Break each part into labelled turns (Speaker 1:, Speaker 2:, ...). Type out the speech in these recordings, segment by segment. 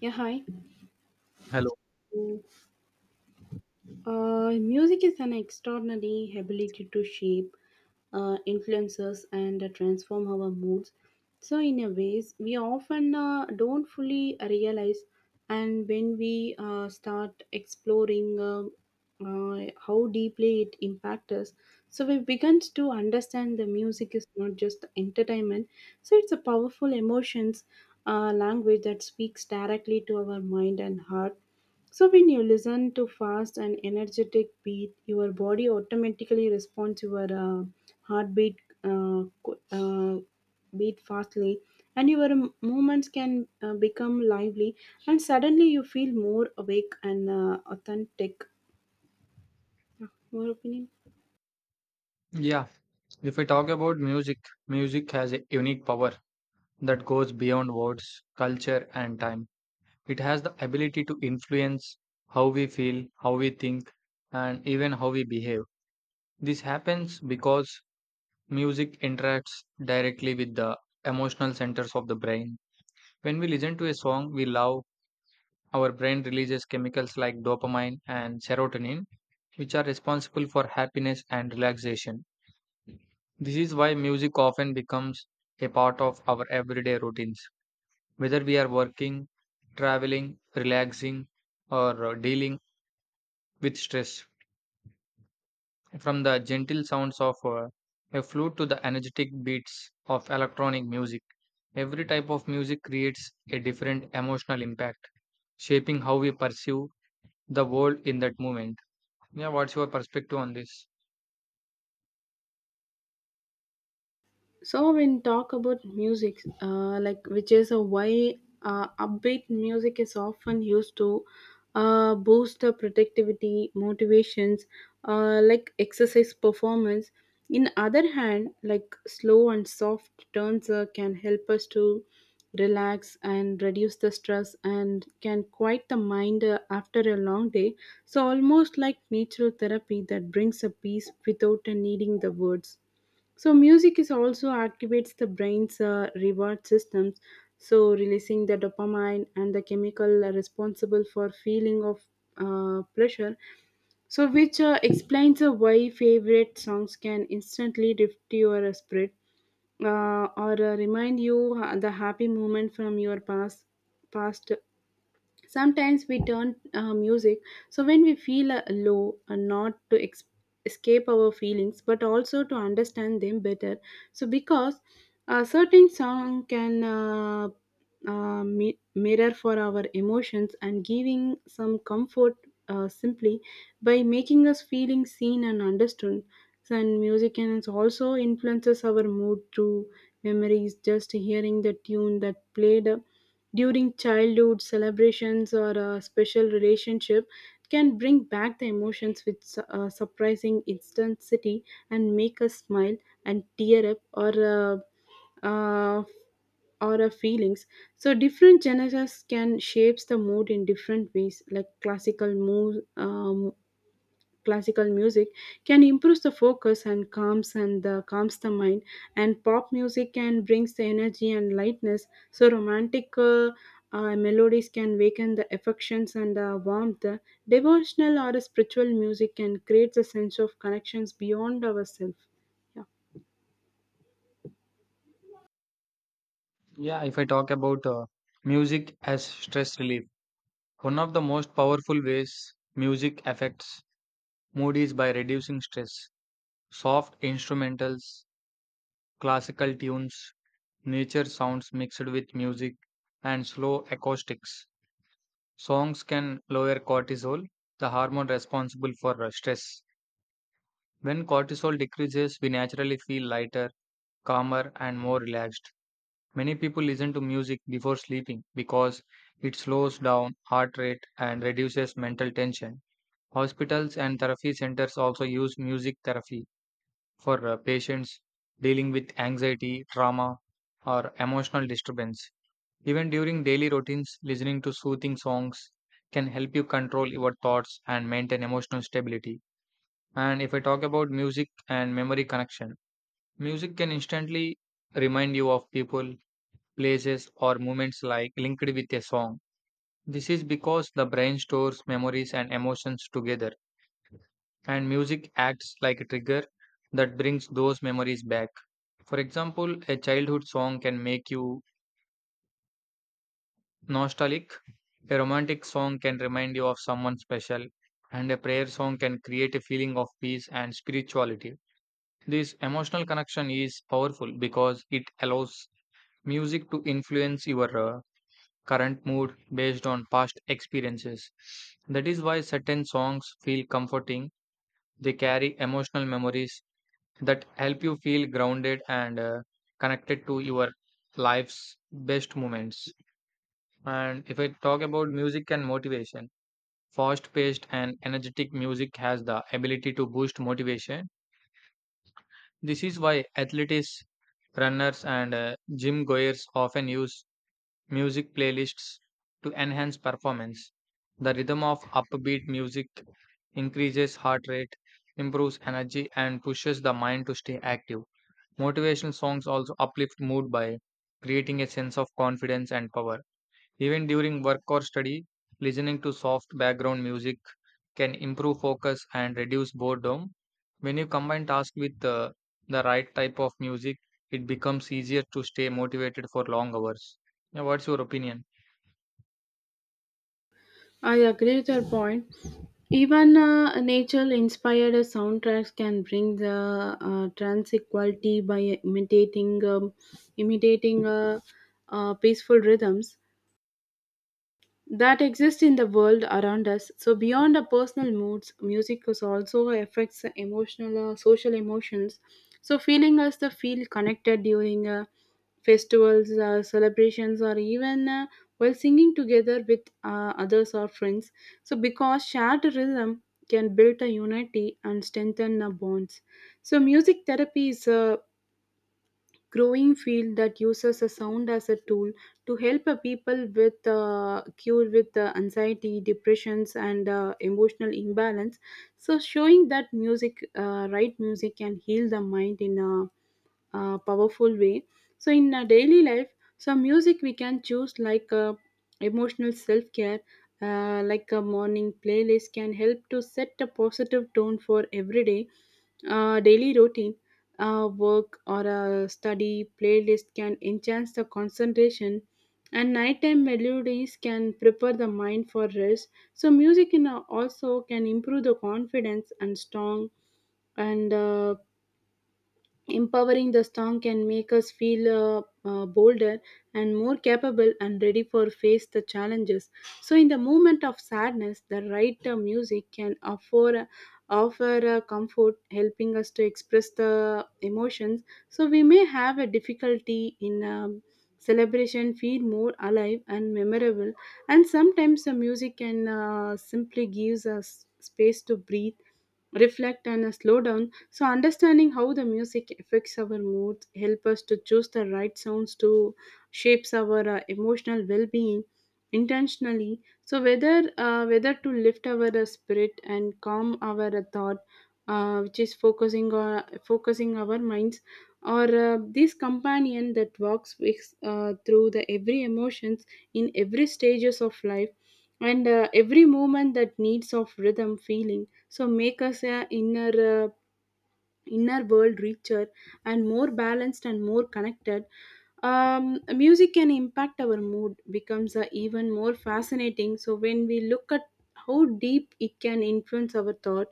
Speaker 1: Yeah, hi.
Speaker 2: Hello.
Speaker 1: So, Music is an extraordinary ability to shape, influence us, and transform our moods. So, in a ways, we often don't fully realize. And when we start exploring how deeply it impacts us, so we begin to understand the music is not just entertainment. So, it's a powerful emotions language that speaks directly to our mind and heart, so when you listen to fast and energetic beat, your body automatically responds your heartbeat uh, qu- uh, beat fastly, and your movements can become lively, and suddenly you feel more awake and authentic. Yeah, your opinion?
Speaker 2: Yeah, if we talk about music, music has a unique power that goes beyond words, culture, and time. It has the ability to influence how we feel, how we think, and even how we behave. This happens because music interacts directly with the emotional centers of the brain. When we listen to a song we love, our brain releases chemicals like dopamine and serotonin, which are responsible for happiness and relaxation. This is why music often becomes a part of our everyday routines, whether we are working, traveling, relaxing, or dealing with stress. From the gentle sounds of a flute to the energetic beats of electronic music, every type of music creates a different emotional impact, shaping how we perceive the world in that moment. Yeah, what's your perspective on this?
Speaker 1: So when talk about music, like which is a why upbeat music is often used to boost the productivity, motivations, like exercise performance. In other hand, like slow and soft turns can help us to relax and reduce the stress and can quiet the mind after a long day. So almost like natural therapy that brings a peace without needing the words. So music is also activates the brain's reward systems, so releasing the dopamine and the chemical responsible for feeling of pleasure. So which explains why favorite songs can instantly lift your spirit or remind you the happy moment from your past. Sometimes we turn music so when we feel low and not to escape our feelings but also to understand them better. So because a certain song can mirror for our emotions and giving some comfort simply by making us feeling seen and understood. And music can also influences our mood through memories. Just hearing the tune that played during childhood celebrations or a special relationship can bring back the emotions with surprising intensity and make us smile and tear up uh, uh, or our feelings, so different genres can shapes the mood in different ways like classical music can improve the focus and calms and the mind, and pop music can brings the energy and lightness, so romantic melodies can waken the affections and warmth, devotional or spiritual music can create a sense of connections beyond ourselves, yeah.
Speaker 2: Yeah, if I talk about music as stress relief. One of the most powerful ways music affects mood is by reducing stress. Soft instrumentals, classical tunes, nature sounds mixed with music, and slow acoustics. Songs can lower cortisol, the hormone responsible for stress. When cortisol decreases, we naturally feel lighter, calmer, and more relaxed. Many people listen to music before sleeping because it slows down heart rate and reduces mental tension. Hospitals and therapy centers also use music therapy for patients dealing with anxiety, trauma, or emotional disturbance. Even during daily routines, listening to soothing songs can help you control your thoughts and maintain emotional stability. And if I talk about music and memory connection, music can instantly remind you of people, places, or moments like linked with a song. This is because the brain stores memories and emotions together and music acts like a trigger that brings those memories back. For example, a childhood song can make you nostalgic, a romantic song can remind you of someone special, and a prayer song can create a feeling of peace and spirituality. This emotional connection is powerful because it allows music to influence your current mood based on past experiences. That is why certain songs feel comforting. They carry emotional memories that help you feel grounded and connected to your life's best moments. And if I talk about music and motivation, fast paced and energetic music has the ability to boost motivation. This is why athletes, runners, and gym goers often use music playlists to enhance performance. The rhythm of upbeat music increases heart rate, improves energy, and pushes the mind to stay active. Motivational songs also uplift mood by creating a sense of confidence and power. Even during work or study, listening to soft background music can improve focus and reduce boredom. When you combine tasks with the right type of music, it becomes easier to stay motivated for long hours. Yeah, what's your opinion?
Speaker 1: I agree with your point. Even nature-inspired soundtracks can bring the tranquility by imitating peaceful rhythms that exist in the world around us. So beyond our personal moods, music is also affects the emotional, social emotions. So feeling us to feel connected during festivals, celebrations, or even while singing together with others or friends. So because shared rhythm can build a unity and strengthen our bonds. So music therapy is a growing field that uses a sound as a tool to help a people with cure with anxiety depressions and emotional imbalance, so showing that music right music can heal the mind in a, powerful way, so in our daily life, so music we can choose like emotional self-care, like a morning playlist can help to set a positive tone for every day, daily routine, work or a study playlist can enhance the concentration, and nighttime melodies can prepare the mind for rest. So music can also can improve the confidence and strong and empowering the song can make us feel bolder and more capable and ready for face the challenges. So, in the moment of sadness, the right music can offer comfort, helping us to express the emotions. So, we may have a difficulty in. Celebration feel more alive and memorable, and sometimes the music can simply gives us space to breathe, reflect, and slow down, so understanding how the music affects our moods help us to choose the right sounds to shapes our emotional well-being intentionally, so whether to lift our spirit and calm our thought, which is focusing our minds, or this companion that walks with, through the every emotions in every stages of life, and every moment that needs of rhythm feeling, so make us a inner world richer and more balanced and more connected. Music can impact our mood becomes even more fascinating so when we look at how deep it can influence our thought,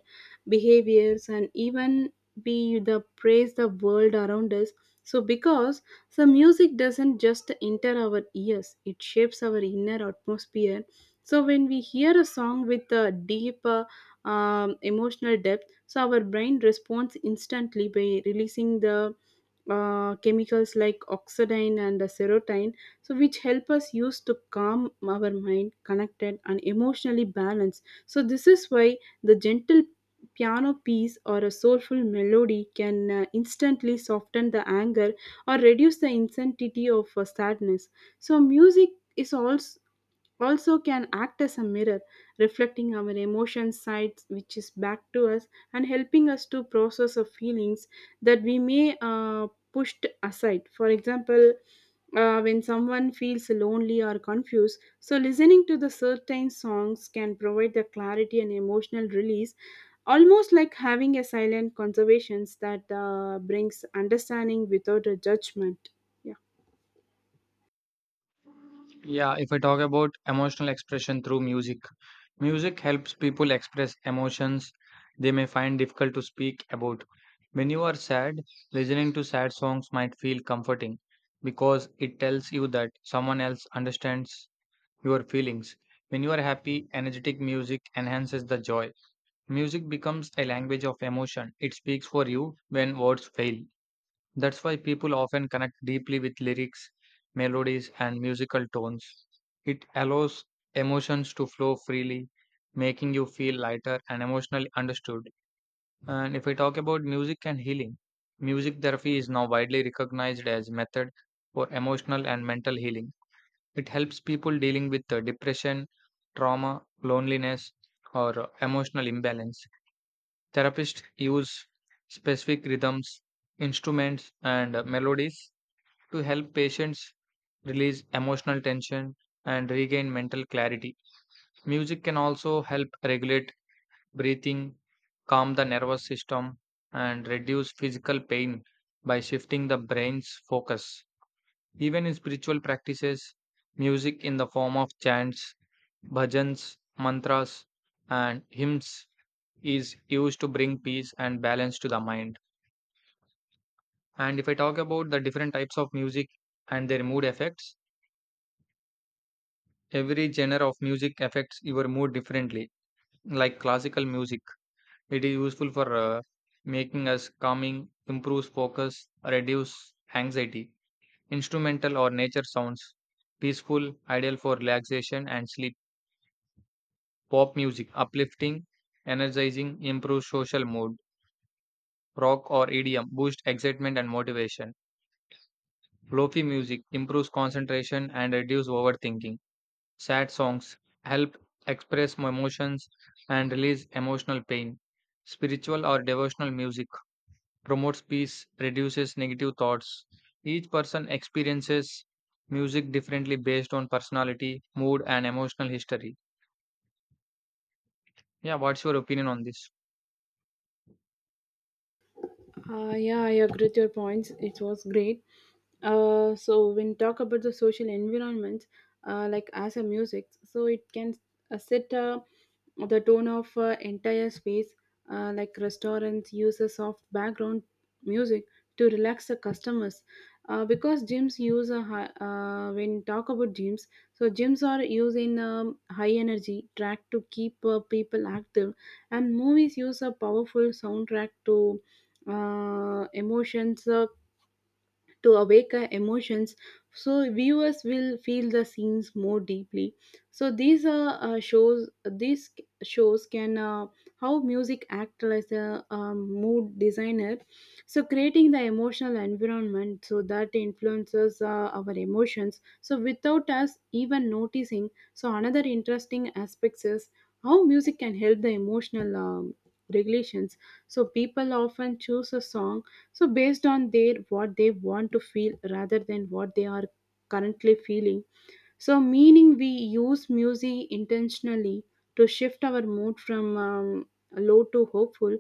Speaker 1: behaviors, and even be the praise the world around us, so because the music doesn't just enter our ears, it shapes our inner atmosphere, so when we hear a song with a deep emotional depth, so our brain responds instantly by releasing the chemicals like oxidine and the serotonin, so which help us use to calm our mind connected and emotionally balanced, so this is why the gentle piano piece or a soulful melody can instantly soften the anger or reduce the intensity of sadness. So music is also can act as a mirror, reflecting our emotion sides, which is back to us, and helping us to process our feelings that we may pushed aside. For example, when someone feels lonely or confused, so listening to the certain songs can provide the clarity and emotional release, almost like having a silent conservations that brings understanding without a judgment. Yeah.
Speaker 2: Yeah, if I talk about emotional expression through music, music helps people express emotions they may find difficult to speak about. When you are sad, listening to sad songs might feel comforting because it tells you that someone else understands your feelings. When you are happy, energetic music enhances the joy. Music becomes a language of emotion, it speaks for you when words fail. That's why people often connect deeply with lyrics, melodies, and musical tones. It allows emotions to flow freely, making you feel lighter and emotionally understood. And if I talk about music and healing, music therapy is now widely recognized as method for emotional and mental healing. It helps people dealing with depression, trauma, loneliness, or emotional imbalance. Therapists use specific rhythms, instruments, and melodies to help patients release emotional tension and regain mental clarity. Music can also help regulate breathing, calm the nervous system, and reduce physical pain by shifting the brain's focus. Even in spiritual practices, music in the form of chants, bhajans, mantras, and hymns is used to bring peace and balance to the mind. And if I talk about the different types of music and their mood effects, every genre of music affects your mood differently. Like classical music, it is useful for making us calming, improves focus, reduce anxiety. Instrumental or nature sounds, peaceful, ideal for relaxation and sleep. Pop music, uplifting, energizing, improves social mood. Rock or EDM boost excitement and motivation. Lofi music improves concentration and reduce overthinking. Sad songs help express my emotions and release emotional pain. Spiritual or devotional music promotes peace, reduces negative thoughts. Each person experiences music differently based on personality, mood, and emotional history. Yeah, what's your opinion on this?
Speaker 1: Yeah, I agree with your points. It was great. So when talk about the social environment, like as a music, so it can set the tone of entire space. Like restaurants use a soft background music to relax the customers. Because gyms use a high, when talk about gyms, so gyms are using high energy track to keep people active, and movies use a powerful soundtrack to emotions. To awaken emotions so viewers will feel the scenes more deeply, so these are shows these shows can how music act as a mood designer, so creating the emotional environment so that influences our emotions so without us even noticing, so another interesting aspects is how music can help the emotional regulations, so people often choose a song so based on their what they want to feel rather than what they are currently feeling, so meaning we use music intentionally to shift our mood from low to hopeful,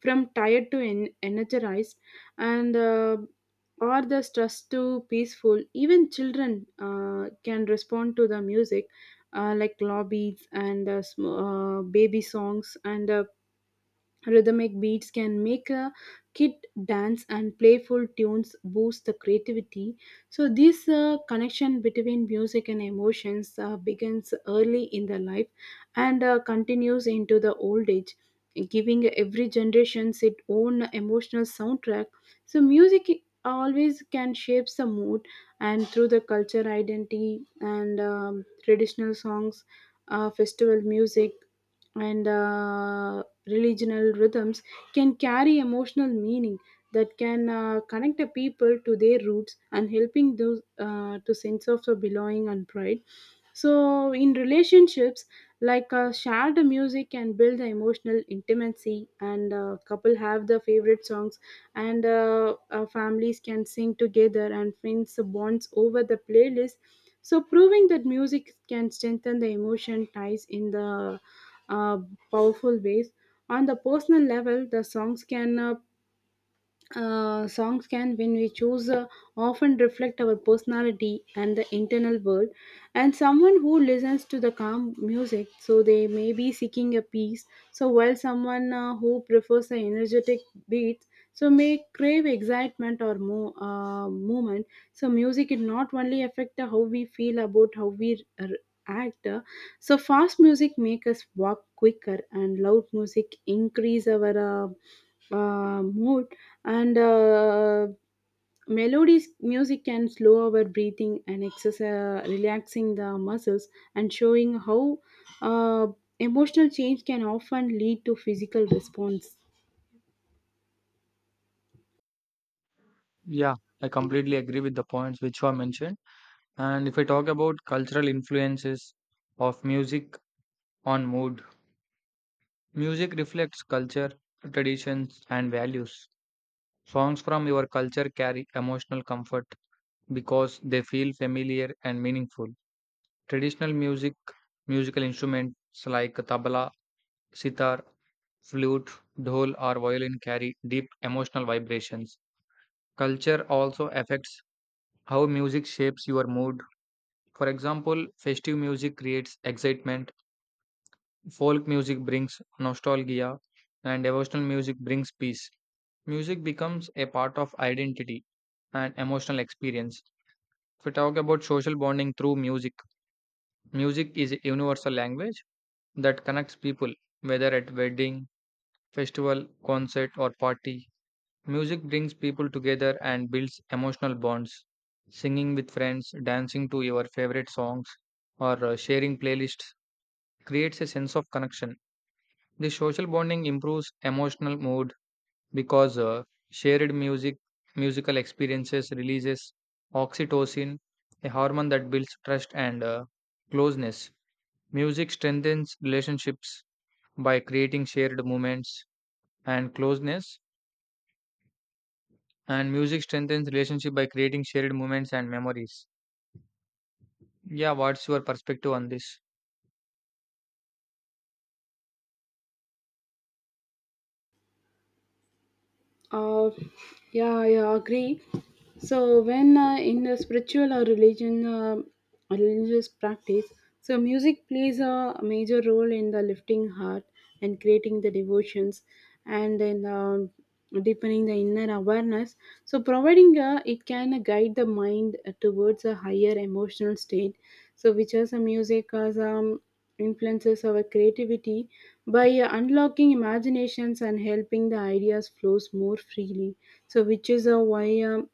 Speaker 1: from tired to energized, and or the stress to peaceful, even children can respond to the music, like lobbies and baby songs and rhythmic beats can make a kid dance, and playful tunes boost the creativity. So, this connection between music and emotions begins early in the life and continues into the old age, giving every generation its own emotional soundtrack. So, music always can shape the mood, and through the culture identity and traditional songs, festival music and religional rhythms can carry emotional meaning that can connect a people to their roots and helping those to sense of the belonging and pride, so in relationships like shared music can build the emotional intimacy and couple have the favorite songs and families can sing together and friends bonds over the playlist, so proving that music can strengthen the emotion ties in the uh, powerful ways. On the personal level, the songs can, when we choose, often reflect our personality and the internal world. And someone who listens to the calm music, so they may be seeking a peace. So while someone who prefers the energetic beat so may crave excitement or movement, so music it not only affect how we feel about how we act, so fast music make us walk quicker and loud music increase our mood, and melodies music can slow our breathing and exercise relaxing the muscles, and showing how uh, emotional change can often lead to physical response.
Speaker 2: Yeah, I completely agree with the points which were mentioned. And if I talk about cultural influences of music on mood, music reflects culture, traditions, and values. Songs from your culture carry emotional comfort because they feel familiar and meaningful. Traditional music, musical instruments like tabla, sitar, flute, dhol, or violin carry deep emotional vibrations. Culture also affects how music shapes your mood. For example, festive music creates excitement, folk music brings nostalgia, and devotional music brings peace. Music becomes a part of identity and emotional experience. If we talk about social bonding through music, music is a universal language that connects people, whether at wedding, festival, concert, or party. Music brings people together and builds emotional bonds. Singing with friends, dancing to your favorite songs, or sharing playlists creates a sense of connection. This social bonding improves emotional mood, because shared music musical experiences releases oxytocin, a hormone that builds trust and closeness. Music strengthens relationships by creating shared moments and closeness, and music strengthens relationship by creating shared moments and memories. Yeah, what's your perspective on this?
Speaker 1: Uh, yeah, I agree. So when in the spiritual or religious practice, so music plays a major role in the lifting heart and creating the devotions, and then deepening the inner awareness. So providing it can guide the mind towards a higher emotional state. So which is a music as influences our creativity by unlocking imaginations and helping the ideas flows more freely, so which is why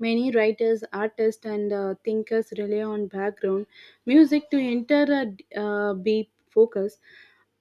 Speaker 1: many writers, artists, and thinkers rely on background music to enter a deep focus.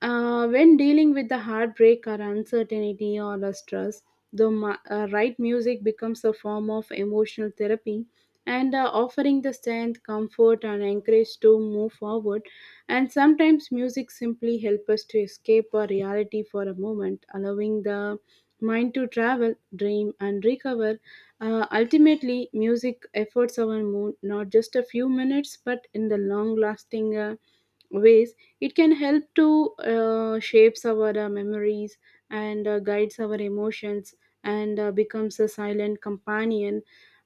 Speaker 1: When dealing with the heartbreak or uncertainty or the stress, the right music becomes a form of emotional therapy and offering the strength, comfort, and encourage to move forward. And sometimes music simply helps us to escape our reality for a moment, allowing the mind to travel, dream, and recover. Ultimately, music efforts our mood not just a few minutes but in the long lasting ways. It can help to shapes our memories and guides our emotions and becomes a silent companion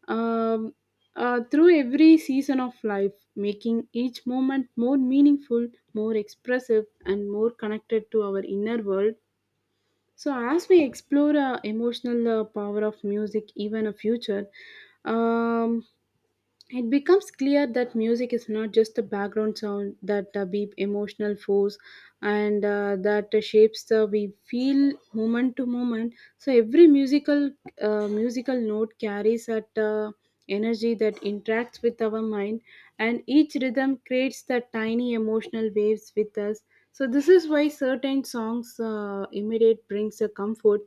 Speaker 1: um, through every season of life, making each moment more meaningful, more expressive, and more connected to our inner world. So, as we explore emotional power of music, even a future, um, it becomes clear that music is not just a background sound that beep emotional force and that shapes the we feel moment to moment. So, every musical note carries that energy that interacts with our mind, and each rhythm creates the tiny emotional waves with us. So this is why certain songs immediate brings a comfort,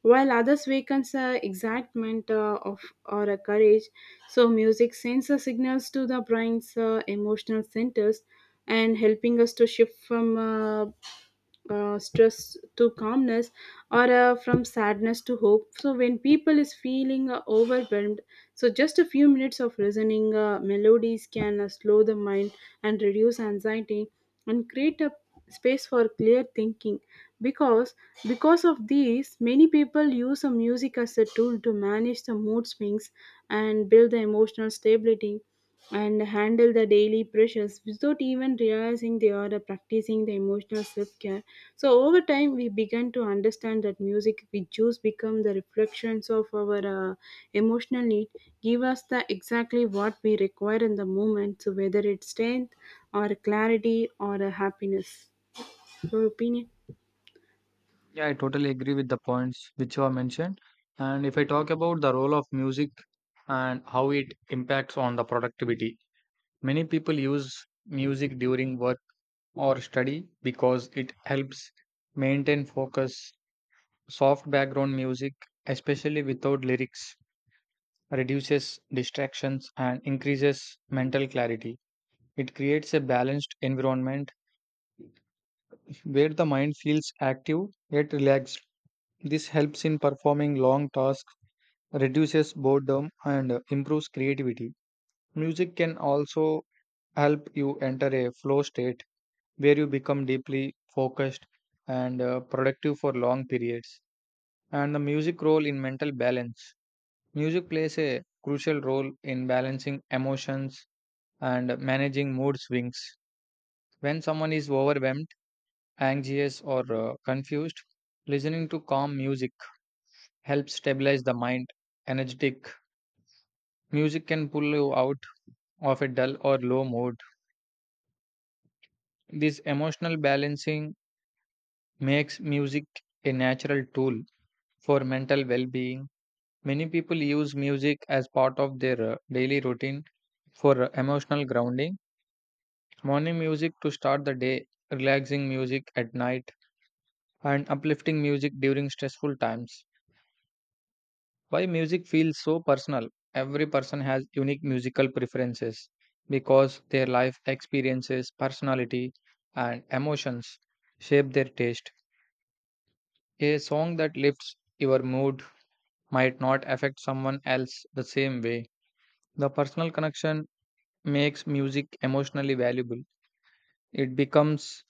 Speaker 1: while others wakens excitement of or a courage. So music sends a signals to the brain's emotional centers and helping us to shift from stress to calmness or from sadness to hope. So when people is feeling overwhelmed, so just a few minutes of listening melodies can slow the mind and reduce anxiety and create a space for clear thinking, because because of these many people use a music as a tool to manage the mood swings and build the emotional stability and handle the daily pressures without even realizing they are practicing the emotional self-care. So over time, we began to understand that music, we choose become the reflections of our emotional need, give us the exactly what we require in the moment. So whether it's strength, or clarity, or a happiness. Your opinion?
Speaker 2: Yeah, I totally agree with the points which you have mentioned. And if I talk about the role of music and how it impacts on the productivity, many people use music during work or study because it helps maintain focus. Soft background music, especially without lyrics, reduces distractions and increases mental clarity. It creates a balanced environment where the mind feels active yet relaxed. This helps in performing long tasks, reduces boredom, and improves creativity. Music can also help you enter a flow state where you become deeply focused and productive for long periods. And the music role in mental balance. Music plays a crucial role in balancing emotions and managing mood swings. When someone is overwhelmed, anxious, or confused, listening to calm music helps stabilize the mind. Energetic music can pull you out of a dull or low mood. This emotional balancing makes music a natural tool for mental well being. Many people use music as part of their daily routine for emotional grounding. Morning music to start the day, relaxing music at night, and uplifting music during stressful times. Why music feels so personal? Every person has unique musical preferences because their life experiences, personality, and emotions shape their taste. A song that lifts your mood might not affect someone else the same way. The personal connection makes music emotionally valuable. It becomes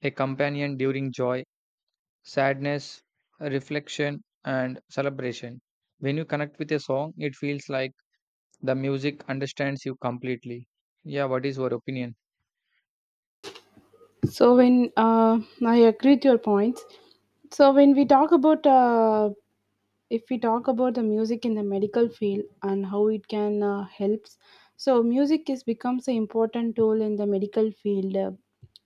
Speaker 2: a companion during joy, sadness, reflection, and celebration. When you connect with a song, it feels like the music understands you completely. Yeah, what is your opinion?
Speaker 1: So when I agree with your points. So when we talk about if we talk about the music in the medical field and how it can helps, so music is becomes an important tool in the medical field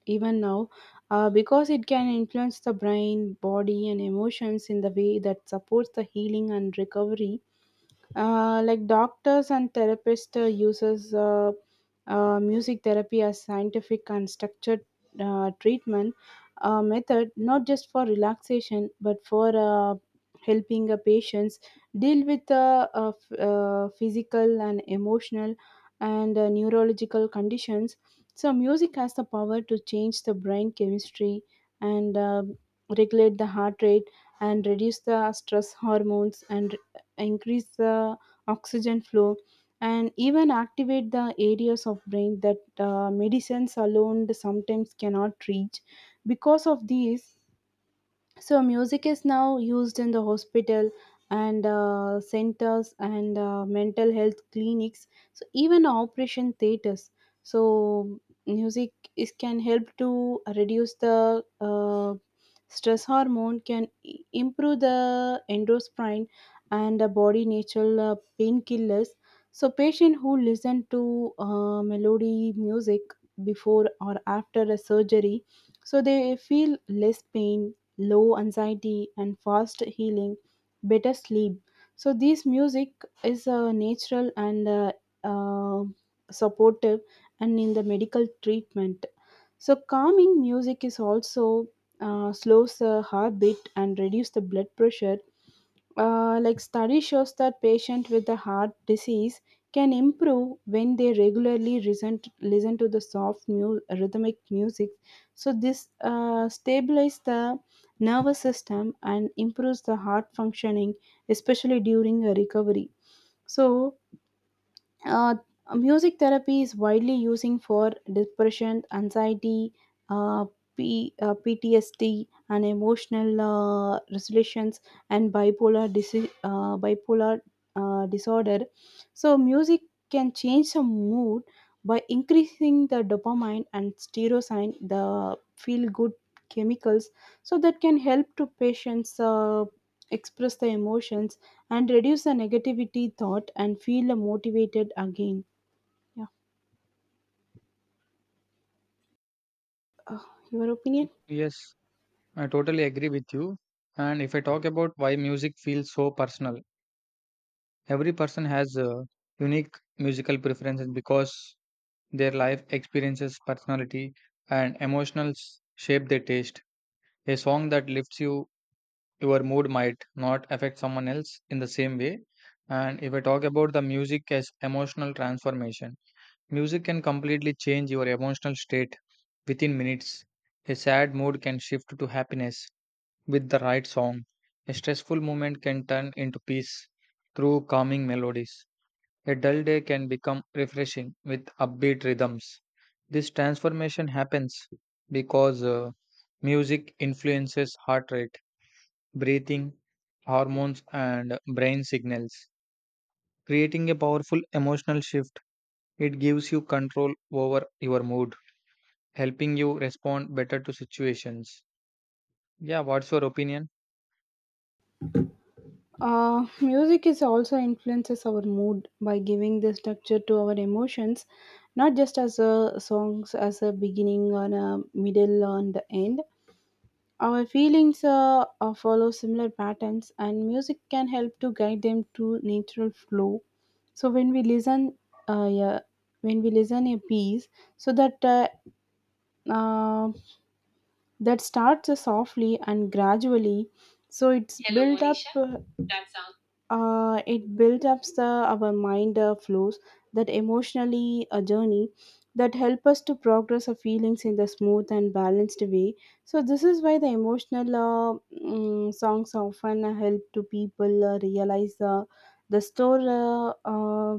Speaker 1: even now because it can influence the brain body and emotions in the way that supports the healing and recovery. Uh, like doctors and therapists uses music therapy as scientific and structured treatment method, not just for relaxation but for helping patients deal with physical and emotional and neurological conditions. So music has the power to change the brain chemistry and regulate the heart rate and reduce the stress hormones and increase the oxygen flow and even activate the areas of brain that medicines alone sometimes cannot reach because of this. So music is now used in the hospital and centers and mental health clinics. So even operation theaters. So music is can help to reduce the stress hormone, can improve the endocrine and the body natural painkillers. So patient who listen to melody music before or after a surgery, so they feel less pain, low anxiety and fast healing, better sleep. So this music is natural and uh, supportive and in the medical treatment. So calming music is also slows the heartbeat and reduce the blood pressure, like study shows that patient with a heart disease can improve when they regularly listen to the soft rhythmic music. So this stabilizes the nervous system and improves the heart functioning especially during a recovery. So uh, music therapy is widely using for depression anxiety, uh, ptsd and emotional resolutions and bipolar disorder. So music can change the mood by increasing the dopamine and serotonin, the feel good chemicals, so that can help to patients express the emotions, and reduce the negativity thought and feel motivated again. Yeah. Uh, your opinion?
Speaker 2: Yes, I totally agree with you. And if I talk about why music feels so personal, every person has unique musical preferences because their life experiences, personality, and emotions shape their taste. A song that lifts you, your mood might not affect someone else in the same way. And if I talk about the music as emotional transformation, music can completely change your emotional state within minutes. A sad mood can shift to happiness with the right song. A stressful moment can turn into peace through calming melodies. A dull day can become refreshing with upbeat rhythms. This transformation happens because music influences heart rate breathing, hormones, and brain signals, creating a powerful emotional shift. It gives you control over your mood, helping you respond better to situations. Yeah, what's your opinion?
Speaker 1: Music is also influences our mood by giving the structure to our emotions, not just as a songs as a beginning or a middle and the end. Our feelings follow similar patterns, and music can help to guide them to natural flow. So when we listen, uh, yeah, when we listen a piece, so that uh, that starts softly and gradually, so it's Hello, built up Monisha. It built up the our mind flows that emotionally a journey that help us to progress our feelings in the smooth and balanced way. So this is why the emotional songs often help to people realize the store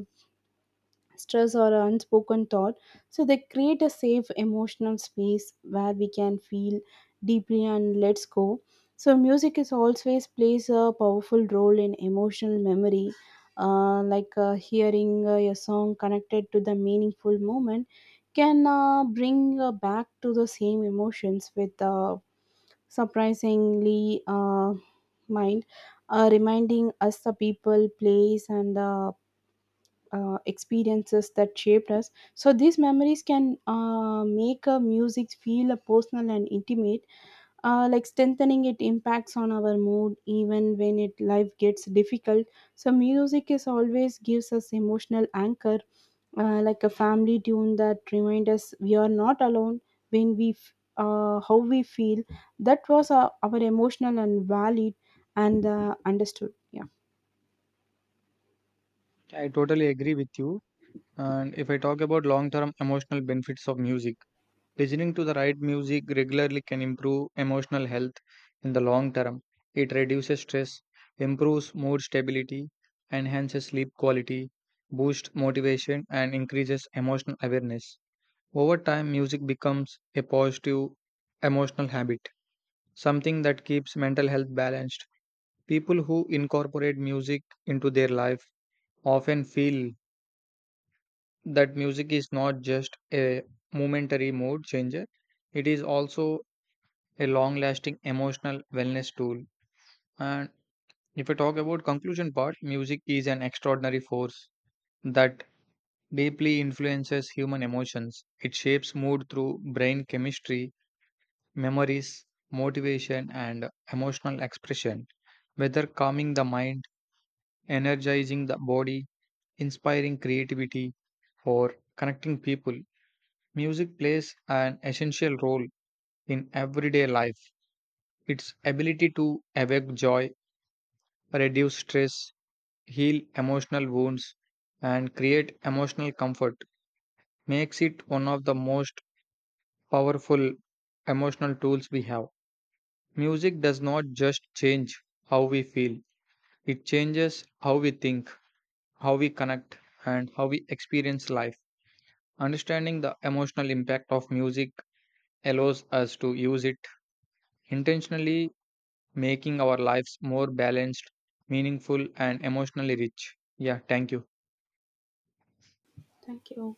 Speaker 1: stress or unspoken thought. So they create a safe emotional space where we can feel deeply and let's go. So music is always plays a powerful role in emotional memory. Like hearing a song connected to the meaningful moment can bring back to the same emotions with surprisingly mind, reminding us the people, place, and experiences that shaped us. So these memories can make a music feel a personal and intimate, like strengthening it impacts on our mood even when it life gets difficult. So music is always gives us emotional anchor, like a family tune that reminds us we are not alone when we how we feel. That was our emotional and valid and understood. Yeah.
Speaker 2: I totally agree with you. And if I talk about long term emotional benefits of music, listening to the right music regularly can improve emotional health in the long term. It reduces stress, improves mood stability, enhances sleep quality, boosts motivation, and increases emotional awareness. Over time, music becomes a positive emotional habit, something that keeps mental health balanced. People who incorporate music into their life often feel that music is not just a momentary mood changer, it is also a long lasting emotional wellness tool. And if I talk about conclusion part, music is an extraordinary force that deeply influences human emotions. It shapes mood through brain chemistry, memories, motivation, and emotional expression. Whether calming the mind, energizing the body, inspiring creativity, or connecting people, music plays an essential role in everyday life. Its ability to evoke joy, reduce stress, heal emotional wounds, and create emotional comfort makes it one of the most powerful emotional tools we have. Music does not just change how we feel, it changes how we think, how we connect, and how we experience life. Understanding the emotional impact of music allows us to use it intentionally, making our lives more balanced, meaningful, and emotionally rich. Yeah, thank you.
Speaker 1: Thank you.